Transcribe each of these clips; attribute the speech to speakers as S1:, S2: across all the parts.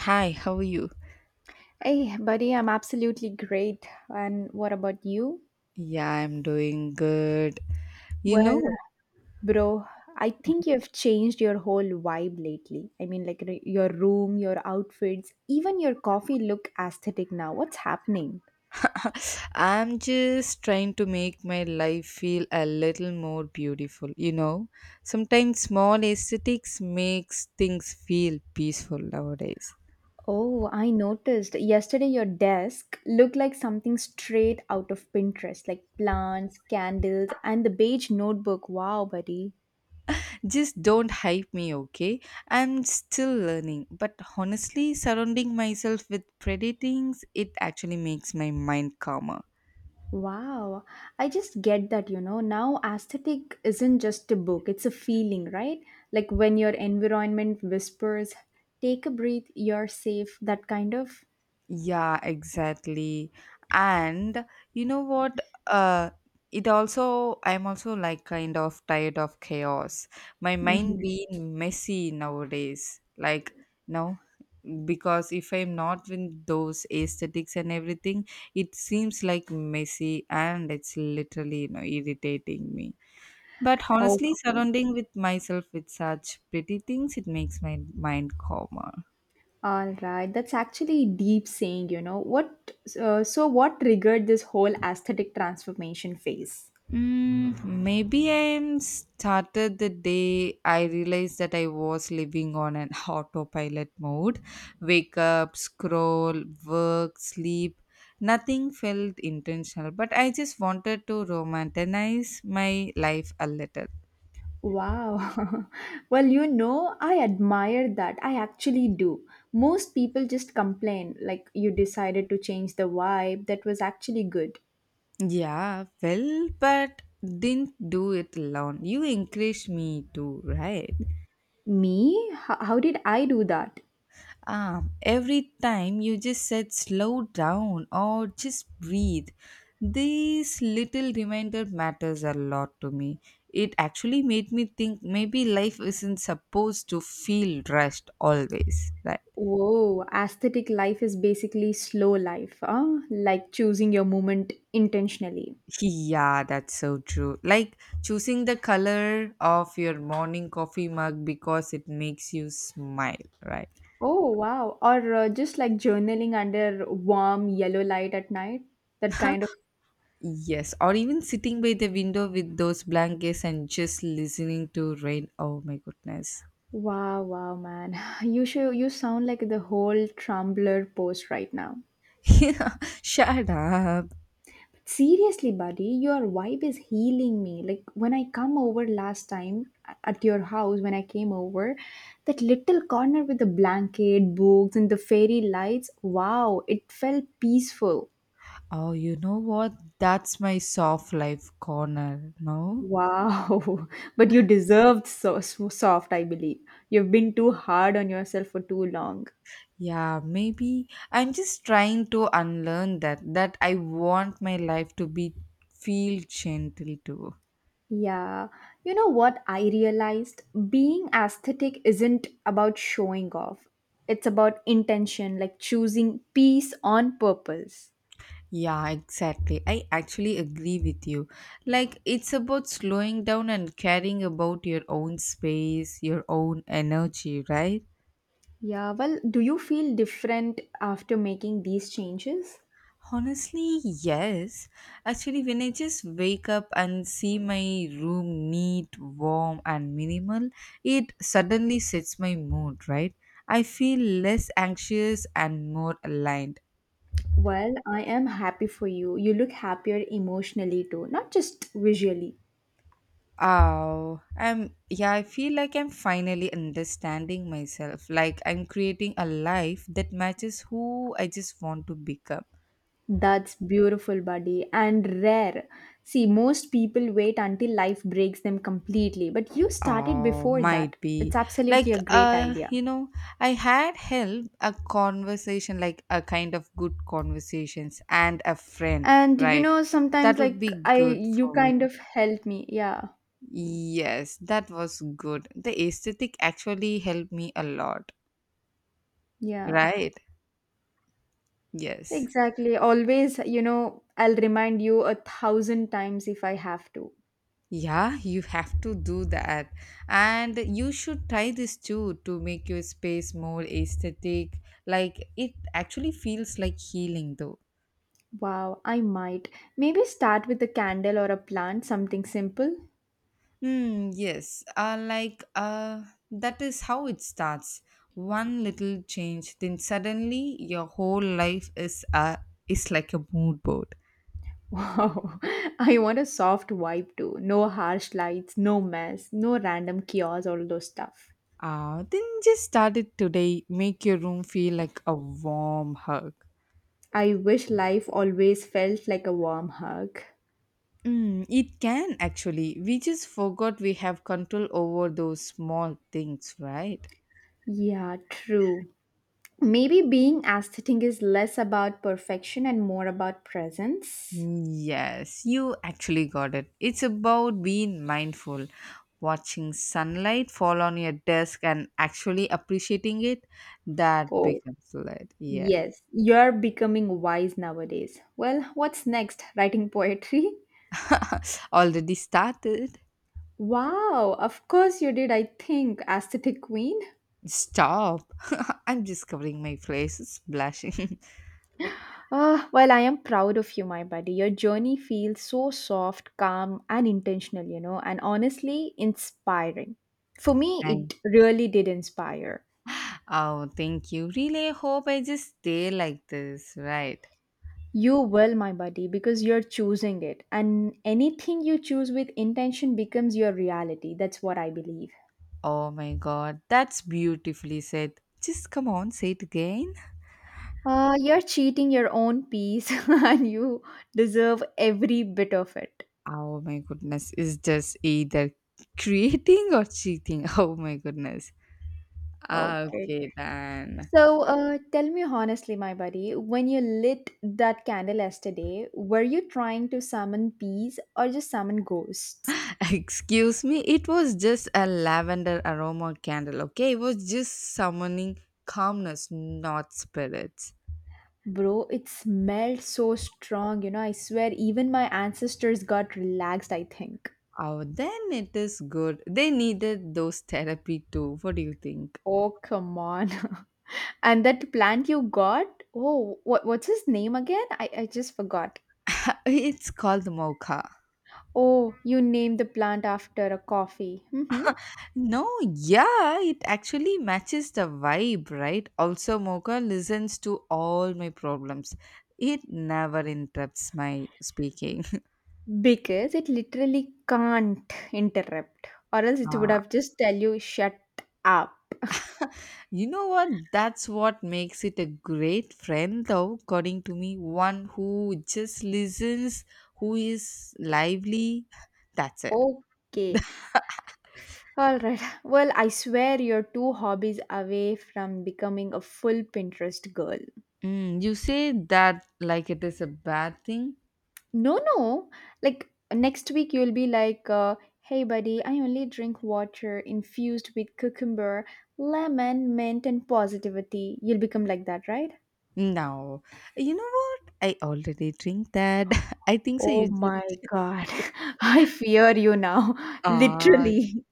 S1: Hi, how are you?
S2: Hey, buddy, I'm absolutely great. And what about you?
S1: Yeah, I'm doing good. You
S2: Well,
S1: know,
S2: bro, I think you've changed your whole vibe lately. I mean, like your room, your outfits, even your coffee look aesthetic now. What's happening?
S1: I'm just trying to make my life feel a little more beautiful. Sometimes small aesthetics makes things feel peaceful nowadays.
S2: Oh, I noticed yesterday your desk looked like something straight out of Pinterest, like plants, candles, and the beige notebook. Wow, buddy.
S1: Just don't hype me, okay? I'm still learning, but honestly, surrounding myself with pretty things, it actually makes my mind calmer.
S2: Wow, I just get that. Now, aesthetic isn't just a book, it's a feeling, right? Like when your environment whispers, take a breath, you're safe, that kind of.
S1: Yeah, exactly. And you know what? Uh, I'm also like kind of tired of chaos. My mind
S2: Hmm.
S1: being messy nowadays. Like, no, because if I'm not in those aesthetics and everything, it seems like messy and it's, literally, you know, irritating me. But honestly,
S2: Okay.
S1: surrounding with myself with such pretty things, it makes my mind calmer.
S2: All right, that's actually deep saying. What so what triggered this whole aesthetic transformation phase?
S1: Mm, maybe I started the day I realized that I was living on an autopilot mode. Wake up, scroll, work, sleep. Nothing felt intentional, but I just wanted to romanticize my life a little.
S2: Wow. Well, I admire that. I actually do. Most people just complain, like you decided to change the vibe that was actually good.
S1: Yeah, well, but didn't do it alone. You encouraged me to, right?
S2: Me? How did I do that?
S1: Ah, every time you just said slow down or just breathe. This little reminder matters a lot to me. It actually made me think maybe life isn't supposed to feel rushed always. Right?
S2: Whoa, aesthetic life is basically slow life, huh? Like choosing your moment intentionally.
S1: Yeah, that's so true. Like choosing the color of your morning coffee mug because it makes you smile, right?
S2: Oh, wow. Or just like journaling under warm yellow light at night, that kind of.
S1: Yes, or even sitting by the window with those blankets and just listening to rain. Oh my goodness.
S2: Wow, wow, man. You sound like the whole Tumblr post right now.
S1: Yeah, shut up.
S2: Seriously, buddy, your vibe is healing me. Like when I come over last time at your house when I came over, that little corner with the blanket, books and the fairy lights, wow, it felt peaceful.
S1: Oh, you know what? That's my soft life corner, no?
S2: Wow. But you deserved so, so soft, I believe. You've been too hard on yourself for too long.
S1: Yeah, maybe I'm just trying to unlearn that I want my life to be feel gentle too.
S2: Yeah, you know what I realized? Being aesthetic isn't about showing off, it's about intention, like choosing peace on purpose.
S1: Yeah, exactly. I actually agree with you. Like, it's about slowing down and caring about your own space, your own energy, right?
S2: Yeah, well, do you feel different after making these changes?
S1: Honestly, yes. Actually, when I just wake up and see my room neat, warm, and minimal, it suddenly sets my mood, right? I feel less anxious and more aligned.
S2: Well, I am happy for you. You look happier emotionally too, not just visually.
S1: Oh, I'm yeah, I feel like I'm finally understanding myself. Like I'm creating a life that matches who I just want to become.
S2: That's beautiful, buddy, and rare. See, most people wait until life breaks them completely, but you started
S1: Oh,
S2: before that.
S1: might be.
S2: It's absolutely
S1: Like
S2: a great idea.
S1: I had held a conversation like a kind of good conversations and a friend,
S2: And
S1: right?
S2: sometimes
S1: That would
S2: like
S1: be
S2: I
S1: good
S2: you
S1: for me.
S2: kind of help me. Yeah.
S1: Yes, that was good. The aesthetic actually helped me a lot,
S2: Yeah.
S1: right? Yes.
S2: Exactly. Always, I'll remind you 1,000 times if I have to.
S1: Yeah, you have to do that. And you should try this too to make your space more aesthetic. Like it actually feels like healing though.
S2: Wow, I might. Maybe start with a candle or a plant, something simple.
S1: Hmm, yes. Like that is how it starts. One little change, then suddenly your whole life is like a mood board.
S2: Wow, I want a soft vibe too. No harsh lights, no mess, no random chaos, all those stuff.
S1: Then just start it today. Make your room feel like a warm hug.
S2: I wish life always felt like a warm hug.
S1: Mm, it can actually. We just forgot we have control over those small things, right?
S2: Yeah, true. Maybe being aesthetic is less about perfection and more about presence.
S1: Yes, you actually got it. It's about being mindful, watching sunlight fall on your desk and actually appreciating it. That
S2: Oh,
S1: becomes light. Yes.
S2: yes, you're becoming wise nowadays. Well, what's next? Writing poetry?
S1: Already started.
S2: Wow, of course you did, I think, aesthetic queen.
S1: Stop. I'm just covering my face. It's blushing.
S2: Ah, well, I am proud of you, my buddy. Your journey feels so soft, calm, and intentional, you know, and honestly inspiring. For me,
S1: Thank-
S2: it really did inspire.
S1: oh, thank you. Really hope I just stay like this, right?
S2: You will, my buddy, because you're choosing it. And anything you choose with intention becomes your reality. That's what I believe.
S1: Oh my god, that's beautifully said. Just come on, say it again.
S2: You're cheating your own peace and you deserve every bit of it.
S1: Oh my goodness, it's just either creating or cheating. Oh my goodness.
S2: Okay.
S1: Okay, then.
S2: So tell me honestly, my buddy, when you lit that candle yesterday, were you trying to summon peace or just summon ghosts?
S1: Excuse me, it was just a lavender aroma candle, okay? It was just summoning calmness, not spirits.
S2: Bro, it smelled so strong. You know, I swear, even my ancestors got relaxed, I think.
S1: Oh, then it is good. They needed those therapy too. What do you think?
S2: Oh, come on. And that plant you got? Oh, what's his name again? I just forgot.
S1: It's called Mocha.
S2: Oh, you named the plant after a coffee. Mm-hmm.
S1: No, yeah, it actually matches the vibe, right? Also, Mocha listens to all my problems. It never interrupts my speaking.
S2: Because it literally can't interrupt, or else it would
S1: Ah.
S2: have just tell you, shut up.
S1: You know what? That's what makes it a great friend, though, according to me. One who just listens, who is lively. That's it.
S2: Okay. All right. Well, I swear you're two hobbies away from becoming a full Pinterest girl.
S1: Mm, you say that like it is a bad thing?
S2: No, no. Like next week, you'll be like, hey, buddy, I only drink water infused with cucumber, lemon, mint, and positivity. You'll become like that, right?
S1: No. You know what? I already drink that. I think so.
S2: Oh
S1: You
S2: my
S1: just.
S2: God. I fear you now.
S1: Ah,
S2: Literally.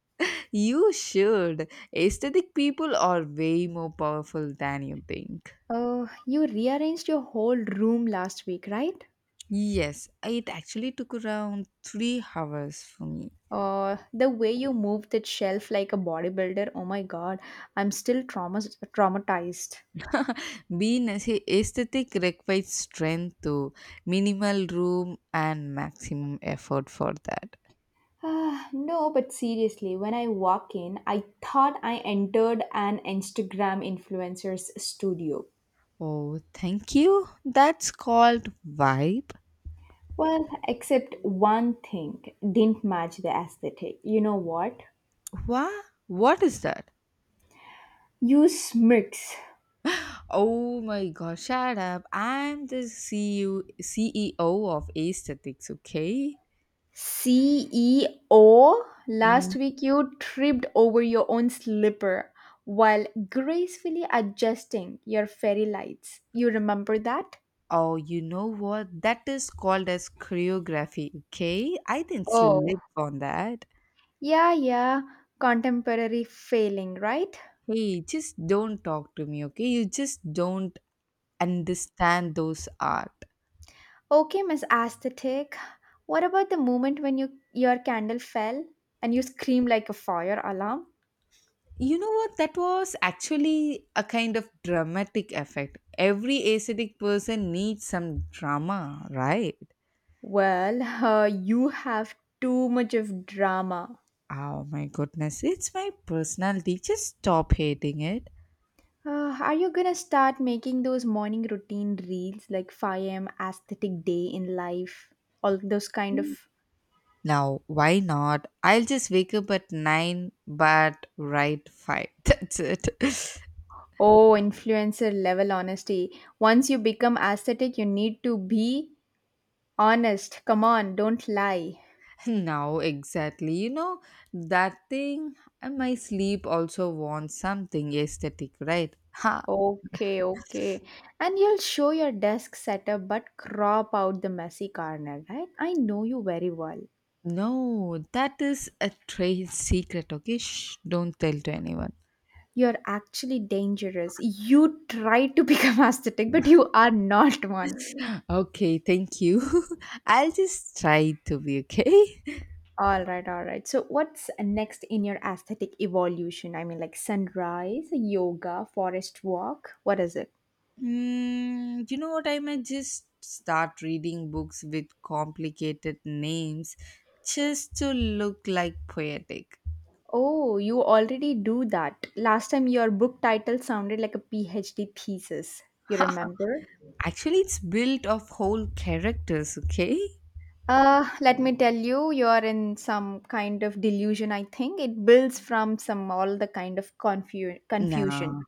S1: you should. Aesthetic people are way more powerful than you think.
S2: Oh, you rearranged your whole room last week, right?
S1: Yes, it actually took around 3 hours for me.
S2: The way you moved that shelf like a bodybuilder. Oh my God. I'm still traumas traumatized.
S1: Being aesthetic requires strength to minimal room and maximum effort for that.
S2: Ah, no, but seriously, when I walk in, I thought I entered an Instagram influencer's studio.
S1: Oh, thank you. That's called vibe.
S2: Well, except one thing didn't match the aesthetic. You know what?
S1: What? What is that?
S2: You smirks.
S1: Oh my god, shut up. I'm the CEO of aesthetics, okay?
S2: CEO, last week you tripped over your own slipper while gracefully adjusting your fairy lights. You remember that?
S1: Oh, you know what? That is called as choreography, okay? I didn't
S2: Oh,
S1: slip on that.
S2: yeah, yeah. Contemporary failing, right?
S1: Hey, just don't talk to me, okay? You just don't understand those art.
S2: Okay, Miss Aesthetic. What about the moment when you, your candle fell and you screamed like a fire alarm?
S1: You know what? That was actually a kind of dramatic effect. Every aesthetic person needs some drama, right?
S2: Well, you have too much of drama.
S1: Oh my goodness, it's my personality. Just stop hating it.
S2: Are you gonna start making those morning routine reels like 5 a.m. aesthetic day in life? All those kind of,
S1: Now, why not? I'll just wake up at 9 but write 5. That's it.
S2: oh, influencer level honesty. Once you become aesthetic, you need to be honest. Come on, don't lie.
S1: Now, exactly. That thing, and my sleep also wants something aesthetic, right? Ha!
S2: Okay, okay. And you'll show your desk setup but crop out the messy corner, right? I know you very well.
S1: No, that is a trade secret, okay? Shh, don't tell to anyone.
S2: You're actually dangerous. You try to become aesthetic, but you are not one.
S1: Okay, thank you. I'll just try to be okay.
S2: All right, all right. So, what's next in your aesthetic evolution? I mean, like sunrise, yoga, forest walk. What is it?
S1: Mm, you know what? I might just start reading books with complicated names just to look like poetic.
S2: Oh, you already do that. Last time your book title sounded like a PhD thesis. You remember?
S1: Actually, it's built of whole characters, okay?
S2: Let me tell you, you are in some kind of delusion, I think. It builds from some all the kind of confusion.
S1: Nah,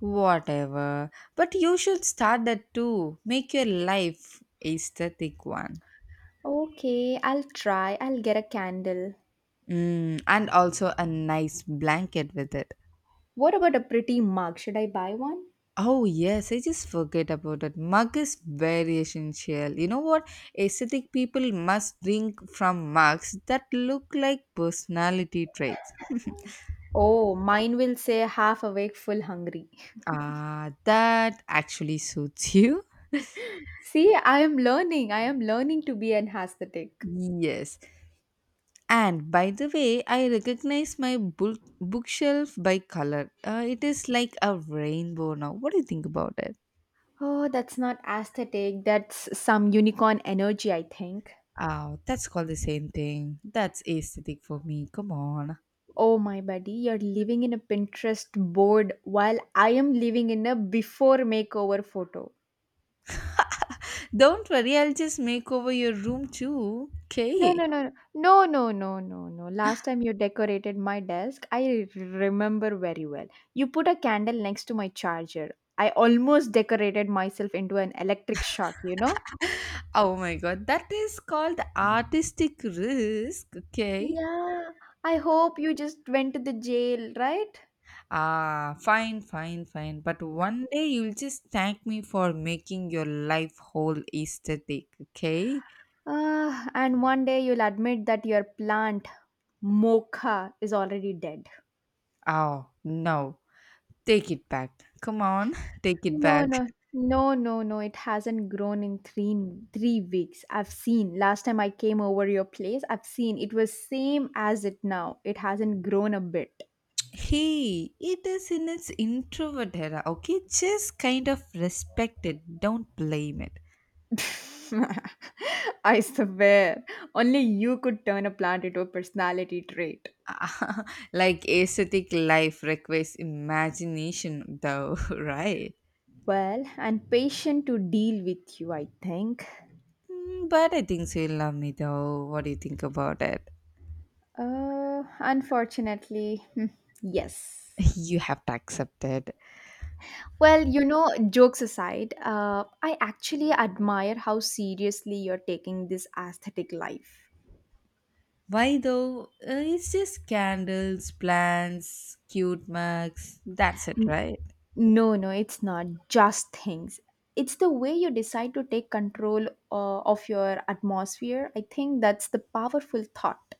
S1: whatever. But you should start that too. Make your life aesthetic one.
S2: Okay, I'll try. I'll get a candle.
S1: Mm, and also a nice blanket with it.
S2: What about a pretty mug? Should I buy one?
S1: Oh yes, I just forget about that. Mug is very essential. You know what? Aesthetic people must drink from mugs that look like personality traits.
S2: Oh, mine will say half awake, full hungry.
S1: Ah, that actually suits you.
S2: See, I am learning. I am learning to be an aesthetic.
S1: Yes. And by the way, I recognize my bookshelf by color. It is like a rainbow now. What do you think about it?
S2: Oh, that's not aesthetic. That's some unicorn energy, I think.
S1: Oh, that's called the same thing. That's aesthetic for me. Come on.
S2: Oh my buddy, you're living in a Pinterest board while I am living in a before makeover photo.
S1: Don't worry, I'll just make over your room too.
S2: No,
S1: Okay.
S2: no, no, no, no, no, no, no. Last time you decorated my desk, I remember very well. You put a candle next to my charger. I almost decorated myself into an electric shock, you know?
S1: Oh my god, that is called artistic risk. Okay.
S2: Yeah, I hope you just went to the jail, right?
S1: Ah, fine, fine, fine. But one day you'll just thank me for making your life whole aesthetic. Okay.
S2: Ah, and one day you'll admit that your plant, Mocha, is already dead.
S1: Oh, no. Take it back. Come on, take it
S2: No,
S1: back.
S2: no, no, no, no. It hasn't grown in three weeks. I've seen last time I came over your place. I've seen it was same as it now. It hasn't grown a bit.
S1: Hey, it is in its introvert era, okay? Just kind of respect it. Don't blame it.
S2: I swear, only you could turn a plant into a personality trait.
S1: Like aesthetic life requires imagination, though, right?
S2: Well, and patient to deal with you, I think.
S1: Mm, But I think so. You love me, though. What do you think about it?
S2: Unfortunately, yes.
S1: You have to accept it.
S2: Well, you know, jokes aside, I actually admire how seriously you're taking this aesthetic life.
S1: Why though? It's just candles, plants, cute mugs. That's it, right?
S2: No, no, it's not just things. It's the way you decide to take control of your atmosphere. I think that's the powerful thought.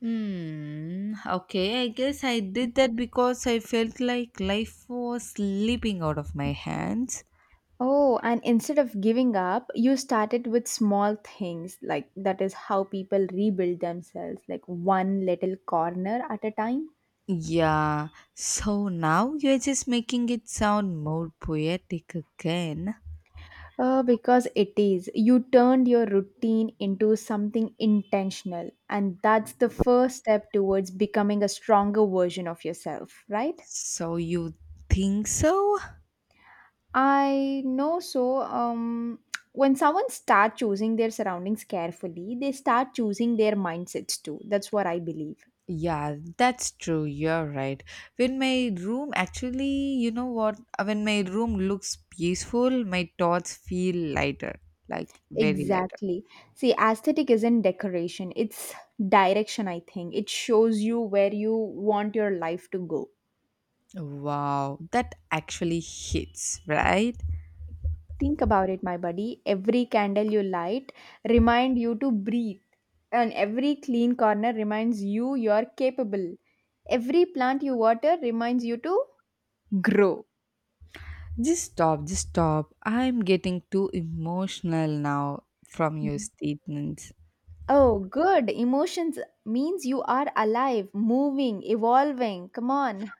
S1: Hmm. Okay, I guess I did that because I felt like life was slipping out of my hands.
S2: Oh, and instead of giving up, you started with small things. Like, that is how people rebuild themselves, like one little corner at a time.
S1: Yeah, so now you're just making it sound more poetic again.
S2: Because it is. You turned your routine into something intentional, and that's the first step towards becoming a stronger version of yourself, right?
S1: So you think so?
S2: I know so. When someone start choosing their surroundings carefully, they start choosing their mindsets too. That's what I believe.
S1: Yeah, that's true. You're right. When my room actually, you know what? When my room looks peaceful, my thoughts feel lighter, like very lighter.
S2: Exactly. See, aesthetic isn't decoration, it's direction, I think. It shows you where you want your life to go.
S1: Wow, that actually hits, right?
S2: Think about it, my buddy. Every candle you light remind you to breathe, and every clean corner reminds you you are capable. Every plant you water reminds you to grow.
S1: Just stop, just stop. I'm getting too emotional now from your statements.
S2: Oh, good. Emotions means you are alive, moving, evolving. Come on.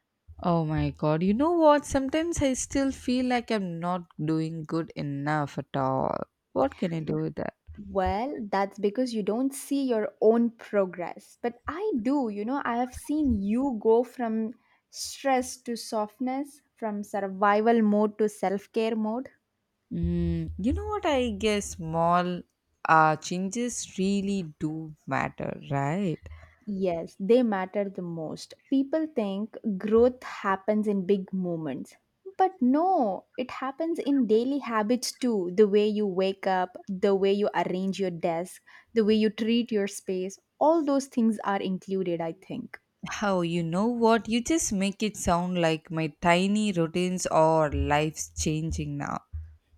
S1: Oh my god, you know what? Sometimes I still feel like I'm not doing good enough at all. What can I do with that?
S2: Well, that's because you don't see your own progress. But I do, I have seen you go from stress to softness, from survival mode to self care mode.
S1: Mm, you know what? I guess small changes really do matter, right?
S2: Yes, they matter the most. People think growth happens in big moments. But no, it happens in daily habits too. The way you wake up, the way you arrange your desk, the way you treat your space, all those things are included, I think.
S1: How you know what? You just make it sound like my tiny routines or life's changing now.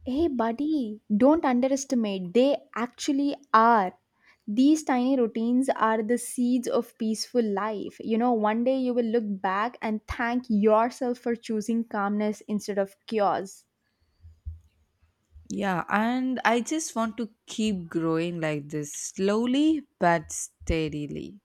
S2: Hey, buddy, don't underestimate. They actually are. These tiny routines are the seeds of peaceful life. One day you will look back and thank yourself for choosing calmness instead of chaos.
S1: Yeah, and I just want to keep growing like this slowly but steadily.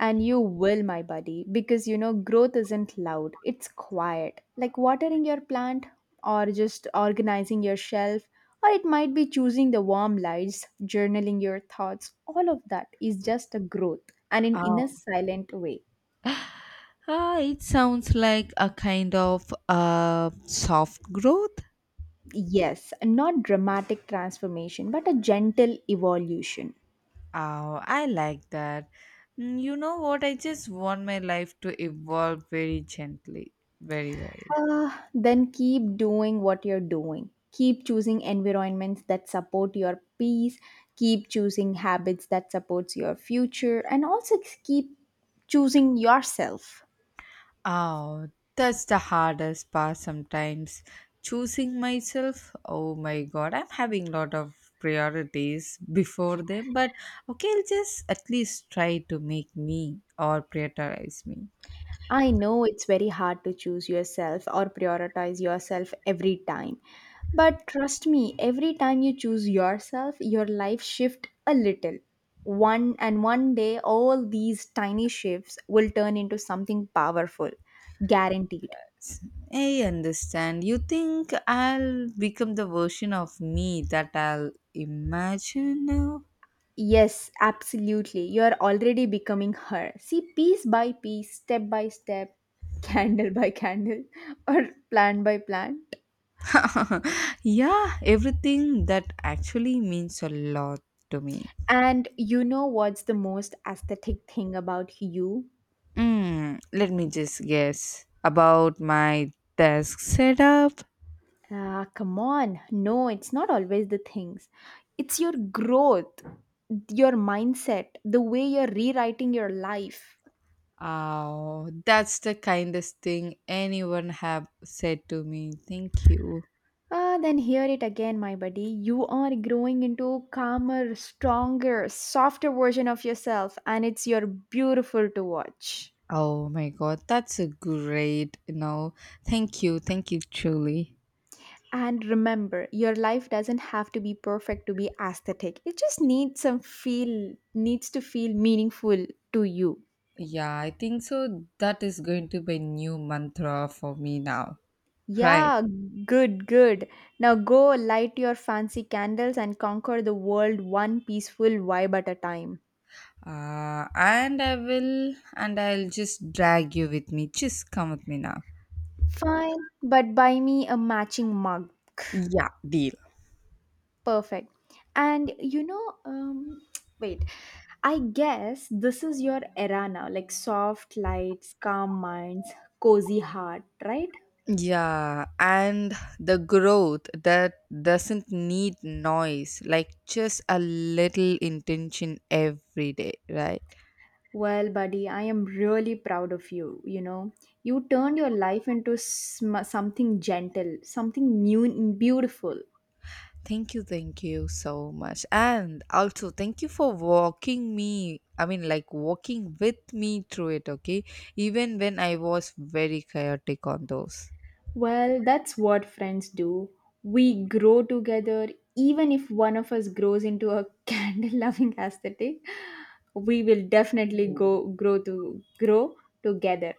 S2: And you will, my buddy, because growth isn't loud, it's quiet. Like watering your plant, or just organizing your shelf, or it might be choosing the warm lights, journaling your thoughts. All of that is just a growth and in inner
S1: Oh.
S2: silent way.
S1: Ah, it sounds like a kind of soft growth.
S2: Yes, not dramatic transformation, but a gentle evolution.
S1: Oh, I like that. Mm, You know what? I just want my life to evolve very gently, very, very.
S2: Ah, then keep doing what you're doing. Keep choosing environments that support your peace, keep choosing habits that supports your future and also keep choosing yourself.
S1: Oh, that's the hardest part sometimes. Choosing myself. Oh my God, I'm having a lot of priorities before them, but okay, I'll just at least try to make me or prioritize me.
S2: I know it's very hard to choose yourself or prioritize yourself every time. But trust me, every time you choose yourself, your life shift a little. One day all these tiny shifts will turn into something powerful. Guaranteed.
S1: I understand. You think I'll become the version of me that I'll imagine now?
S2: Yes, absolutely. You're already becoming her. See piece by piece, step by step, candle by candle or plan by plan.
S1: Yeah, everything that actually means a lot to me.
S2: And you know what's the most aesthetic thing about you?
S1: Mm, let me just guess about my desk setup.
S2: Ah, come on. No, it's not always the things. It's your growth, your mindset, the way you're rewriting your life.
S1: Oh, that's the kindest thing anyone have said to me. Thank you.
S2: Ah, then hear it again, my buddy. You are growing into a calmer, stronger, softer version of yourself, and it's your beautiful to watch.
S1: Oh my god, that's a great, you know. Thank you, truly.
S2: And remember, your life doesn't have to be perfect to be aesthetic. It just needs some feel, needs to feel meaningful to you.
S1: Yeah, I think so. That is going to be a new mantra for me now, right?
S2: Yeah, good, good. Now go light your fancy candles and conquer the world one peaceful vibe at a time.
S1: And I will, and I'll just drag you with me. Just come with me now.
S2: Fine, but buy me a matching mug.
S1: Yeah, deal.
S2: Perfect. And you know, um, wait, I guess this is your era now, like soft lights, calm minds, cozy heart, right?
S1: Yeah, and the growth that doesn't need noise, like just a little intention every day, right?
S2: Well, buddy, I am really proud of you. You turned your life into something gentle, something beautiful.
S1: Thank you so much. And also, thank you for walking me. I mean, like walking with me through it, okay? Even when I was very chaotic on those.
S2: Well, that's what friends do. We grow together, even if one of us grows into a candle loving aesthetic. We will definitely go grow to grow together.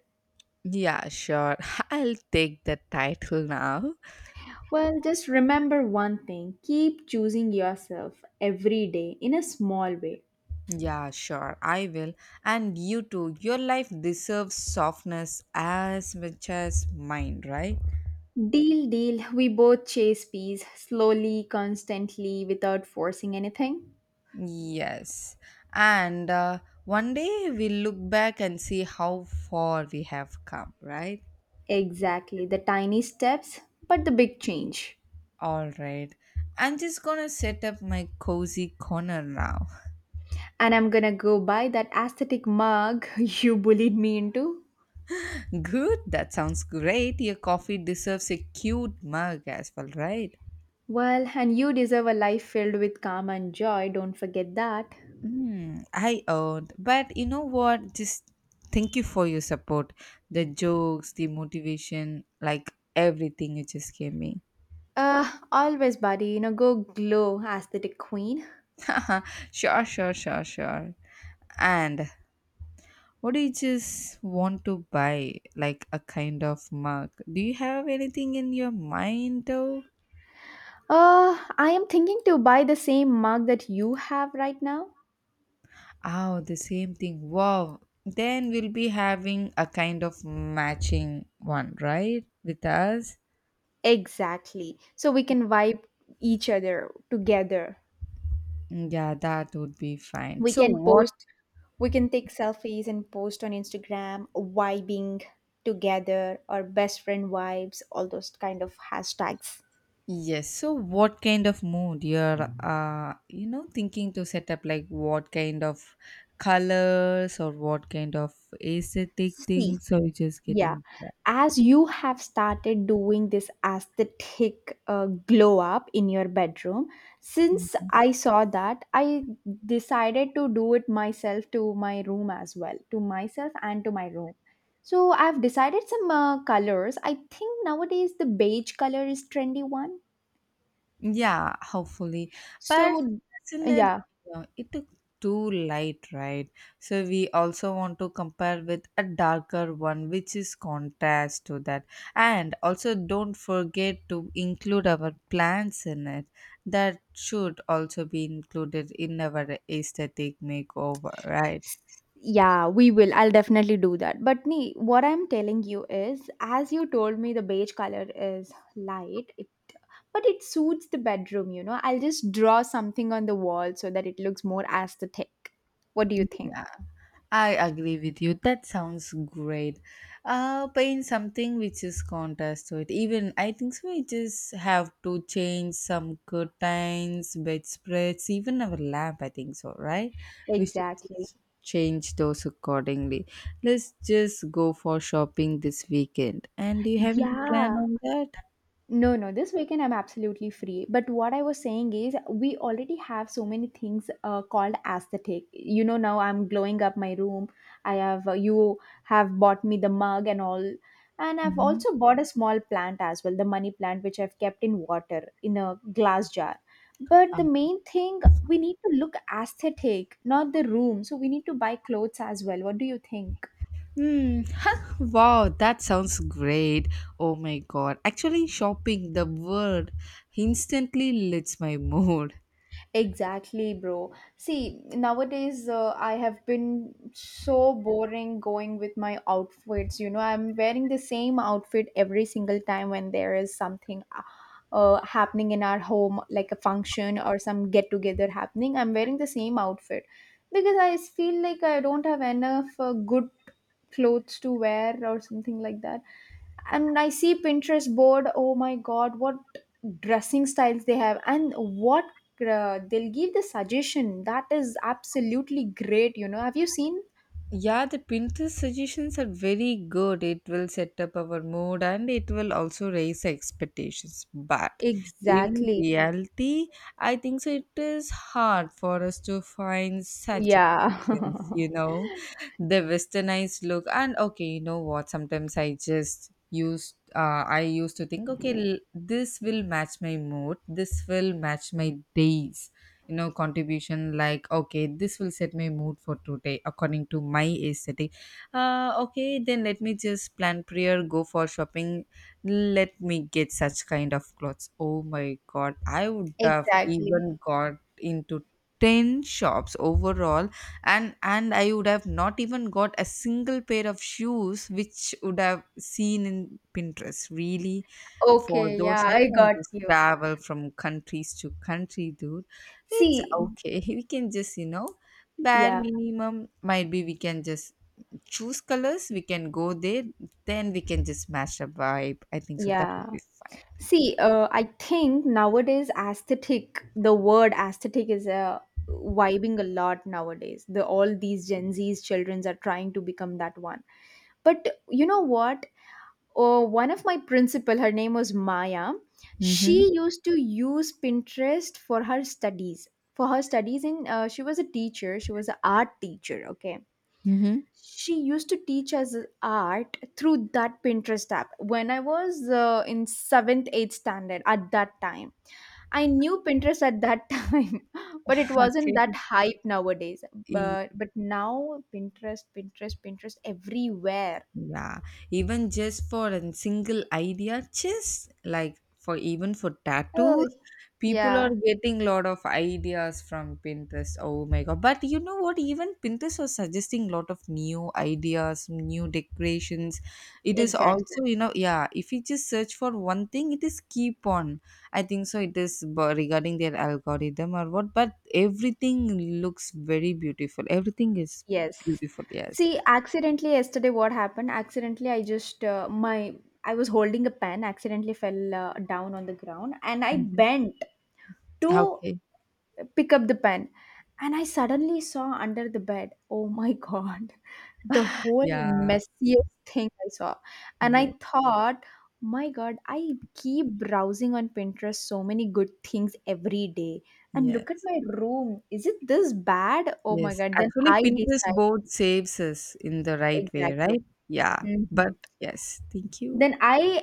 S1: Yeah, sure. I'll take the title now.
S2: Well, just remember one thing, keep choosing yourself every day in a small way.
S1: Yeah, sure. I will. And you too. Your life deserves softness as much as mine, right?
S2: Deal, deal. We both chase peace slowly, constantly, without forcing anything.
S1: Yes. And one day we'll look back and see how far we have come, right?
S2: Exactly. The tiny steps, but the big change.
S1: All right. I'm just gonna set up my cozy corner now.
S2: And I'm gonna go buy that aesthetic mug you bullied me into.
S1: Good, that sounds great. Your coffee deserves a cute mug as well, right?
S2: Well, and you deserve a life filled with calm and joy, don't forget that.
S1: Mm, I owned. But you know what? Just thank you for your support. The jokes, the motivation, like everything you just gave me.
S2: Always, buddy, you know, go glow, aesthetic queen.
S1: Sure, sure, sure, sure. And what do you just want to buy? Like a kind of mug? Do you have anything in your mind though?
S2: I am thinking to buy the same mug that you have right now.
S1: Oh, the same thing. Wow. Then we'll be having a kind of matching one, right? With us.
S2: Exactly. So we can vibe each other together.
S1: Yeah, that would be fine.
S2: We
S1: So
S2: can
S1: what?
S2: post, we can take selfies and post on Instagram, vibing together or best friend vibes, all those kind of hashtags.
S1: Yes. So what kind of mood you're, thinking to set up? Like what kind of colors or what kind of aesthetic
S2: See,
S1: things? So you're just
S2: yeah,
S1: getting
S2: as you have started doing this aesthetic glow up in your bedroom, since
S1: that.
S2: I saw that, I decided to do it myself, to my room as well, to myself and to my room. So I've decided some colors. I think nowadays the beige color is trendy one.
S1: Yeah, hopefully. But
S2: So
S1: isn't it,
S2: yeah,
S1: you know, it took too light, right? So we also want to compare with a darker one, which is contrast to that. And also don't forget to include our plants in it. That should also be included in our aesthetic makeover, right?
S2: yeah, we will. I'll definitely do that. But nee, what I'm telling you is, as you told me, the beige color is light. It but it suits the bedroom. You know, I'll just draw something on the wall so that it looks more aesthetic. What do you think?
S1: Yeah, I agree with you. That sounds great. Paint something which is contrast to it. Even I think so. We just have to change some curtains, bedspreads, even our lamp. I think so, right? We should
S2: Exactly.
S1: just change those accordingly. Let's just go for shopping this weekend. And do you have any plan
S2: Yeah,
S1: on that?
S2: no, no, this weekend I'm absolutely free. But what I was saying is, we already have so many things called aesthetic. You know, now I'm glowing up my room. I have, you have bought me the mug and all. And I've
S1: Mhm.
S2: also bought a small plant as well, the money plant, which I've kept in water in a glass jar. But the main thing, we need to look aesthetic, not the room. So we need to buy clothes as well. What do you think?
S1: Hmm. Wow, that sounds great. Oh my god. Actually, shopping, the word instantly lifts my mood.
S2: Exactly, bro. See, nowadays I have been so boring going with my outfits. You know, I'm wearing the same outfit every single time when there is something happening in our home, like a function or some get together happening. I'm wearing the same outfit because I feel like I don't have enough good clothes to wear or something like that. And I see Pinterest board. Oh my god, what dressing styles they have, and what they'll give the suggestion that is absolutely great. You know, have you seen?
S1: Yeah, the Pinterest suggestions are very good. It will set up our mood and it will also raise expectations. But in
S2: Exactly.
S1: reality, I think so it is hard for us to find such
S2: Yeah.
S1: connections, you know, the westernized look. And okay, you know what? Sometimes I used to think, okay, this will match my mood, this will match my days, you know, contribution, like, okay, this will set my mood for today according to my aesthetic. Uh okay, then let me just plan prayer go for shopping, let me get such kind of clothes. Oh my god, I would have
S2: Exactly.
S1: even got into 10 shops overall, and I would have not even got a single pair of shoes which would have seen in Pinterest, really. For
S2: Okay,
S1: those
S2: yeah,
S1: I
S2: I
S1: can
S2: got
S1: just
S2: you.
S1: travel from countries to country, dude. It's
S2: See,
S1: okay. We can just, you know, bare
S2: yeah,
S1: minimum might be we can just choose colors, we can go there, then we can just match the vibe. I think so. That
S2: yeah.
S1: would be fine.
S2: See, I think nowadays aesthetic, the word aesthetic is vibing a lot nowadays. The all these Gen Z's children are trying to become that one. But you know what? Oh, one of my principal, her name was Maya.
S1: Mm-hmm.
S2: She used to use Pinterest for her studies. For her studies, in she was a teacher. She was an art teacher. Okay,
S1: Mm-hmm.
S2: she used to teach us art through that Pinterest app. When I was in seventh, eighth standard at that time, I knew Pinterest at that time, but it wasn't that hype nowadays.
S1: Okay.
S2: But now Pinterest, Pinterest, Pinterest everywhere.
S1: Yeah, even just for a single idea, just like for even for
S2: Oh
S1: tattoos, people are
S2: yeah.
S1: getting lot of ideas from Pinterest. Oh my god. But you know what? Even Pinterest was suggesting lot of new ideas, new decorations. It is also,
S2: Exactly.
S1: you know, yeah, if you just search for one thing, it is keep on. I think so it is regarding their algorithm or what, but everything looks very beautiful. Everything is
S2: Yes.
S1: beautiful, yes.
S2: See, accidentally yesterday, what happened? Accidentally, I just my I was holding a pen, accidentally fell down on the ground, and I
S1: Mhm.
S2: bent to
S1: Okay.
S2: pick up the pen. And I suddenly saw under the bed, oh my god, the whole
S1: Yeah.
S2: messiest thing I saw. And I
S1: Yes.
S2: thought, my god, I keep browsing on Pinterest so many good things every day, and look at
S1: Yes.
S2: my room, is it this bad? Oh my
S1: Yes.
S2: god. Then
S1: Actually,
S2: I
S1: Pinterest
S2: decide.
S1: board saves us in the right way,
S2: Exactly.
S1: right? Yeah. But
S2: Mhm.
S1: yes. Thank you.
S2: Then I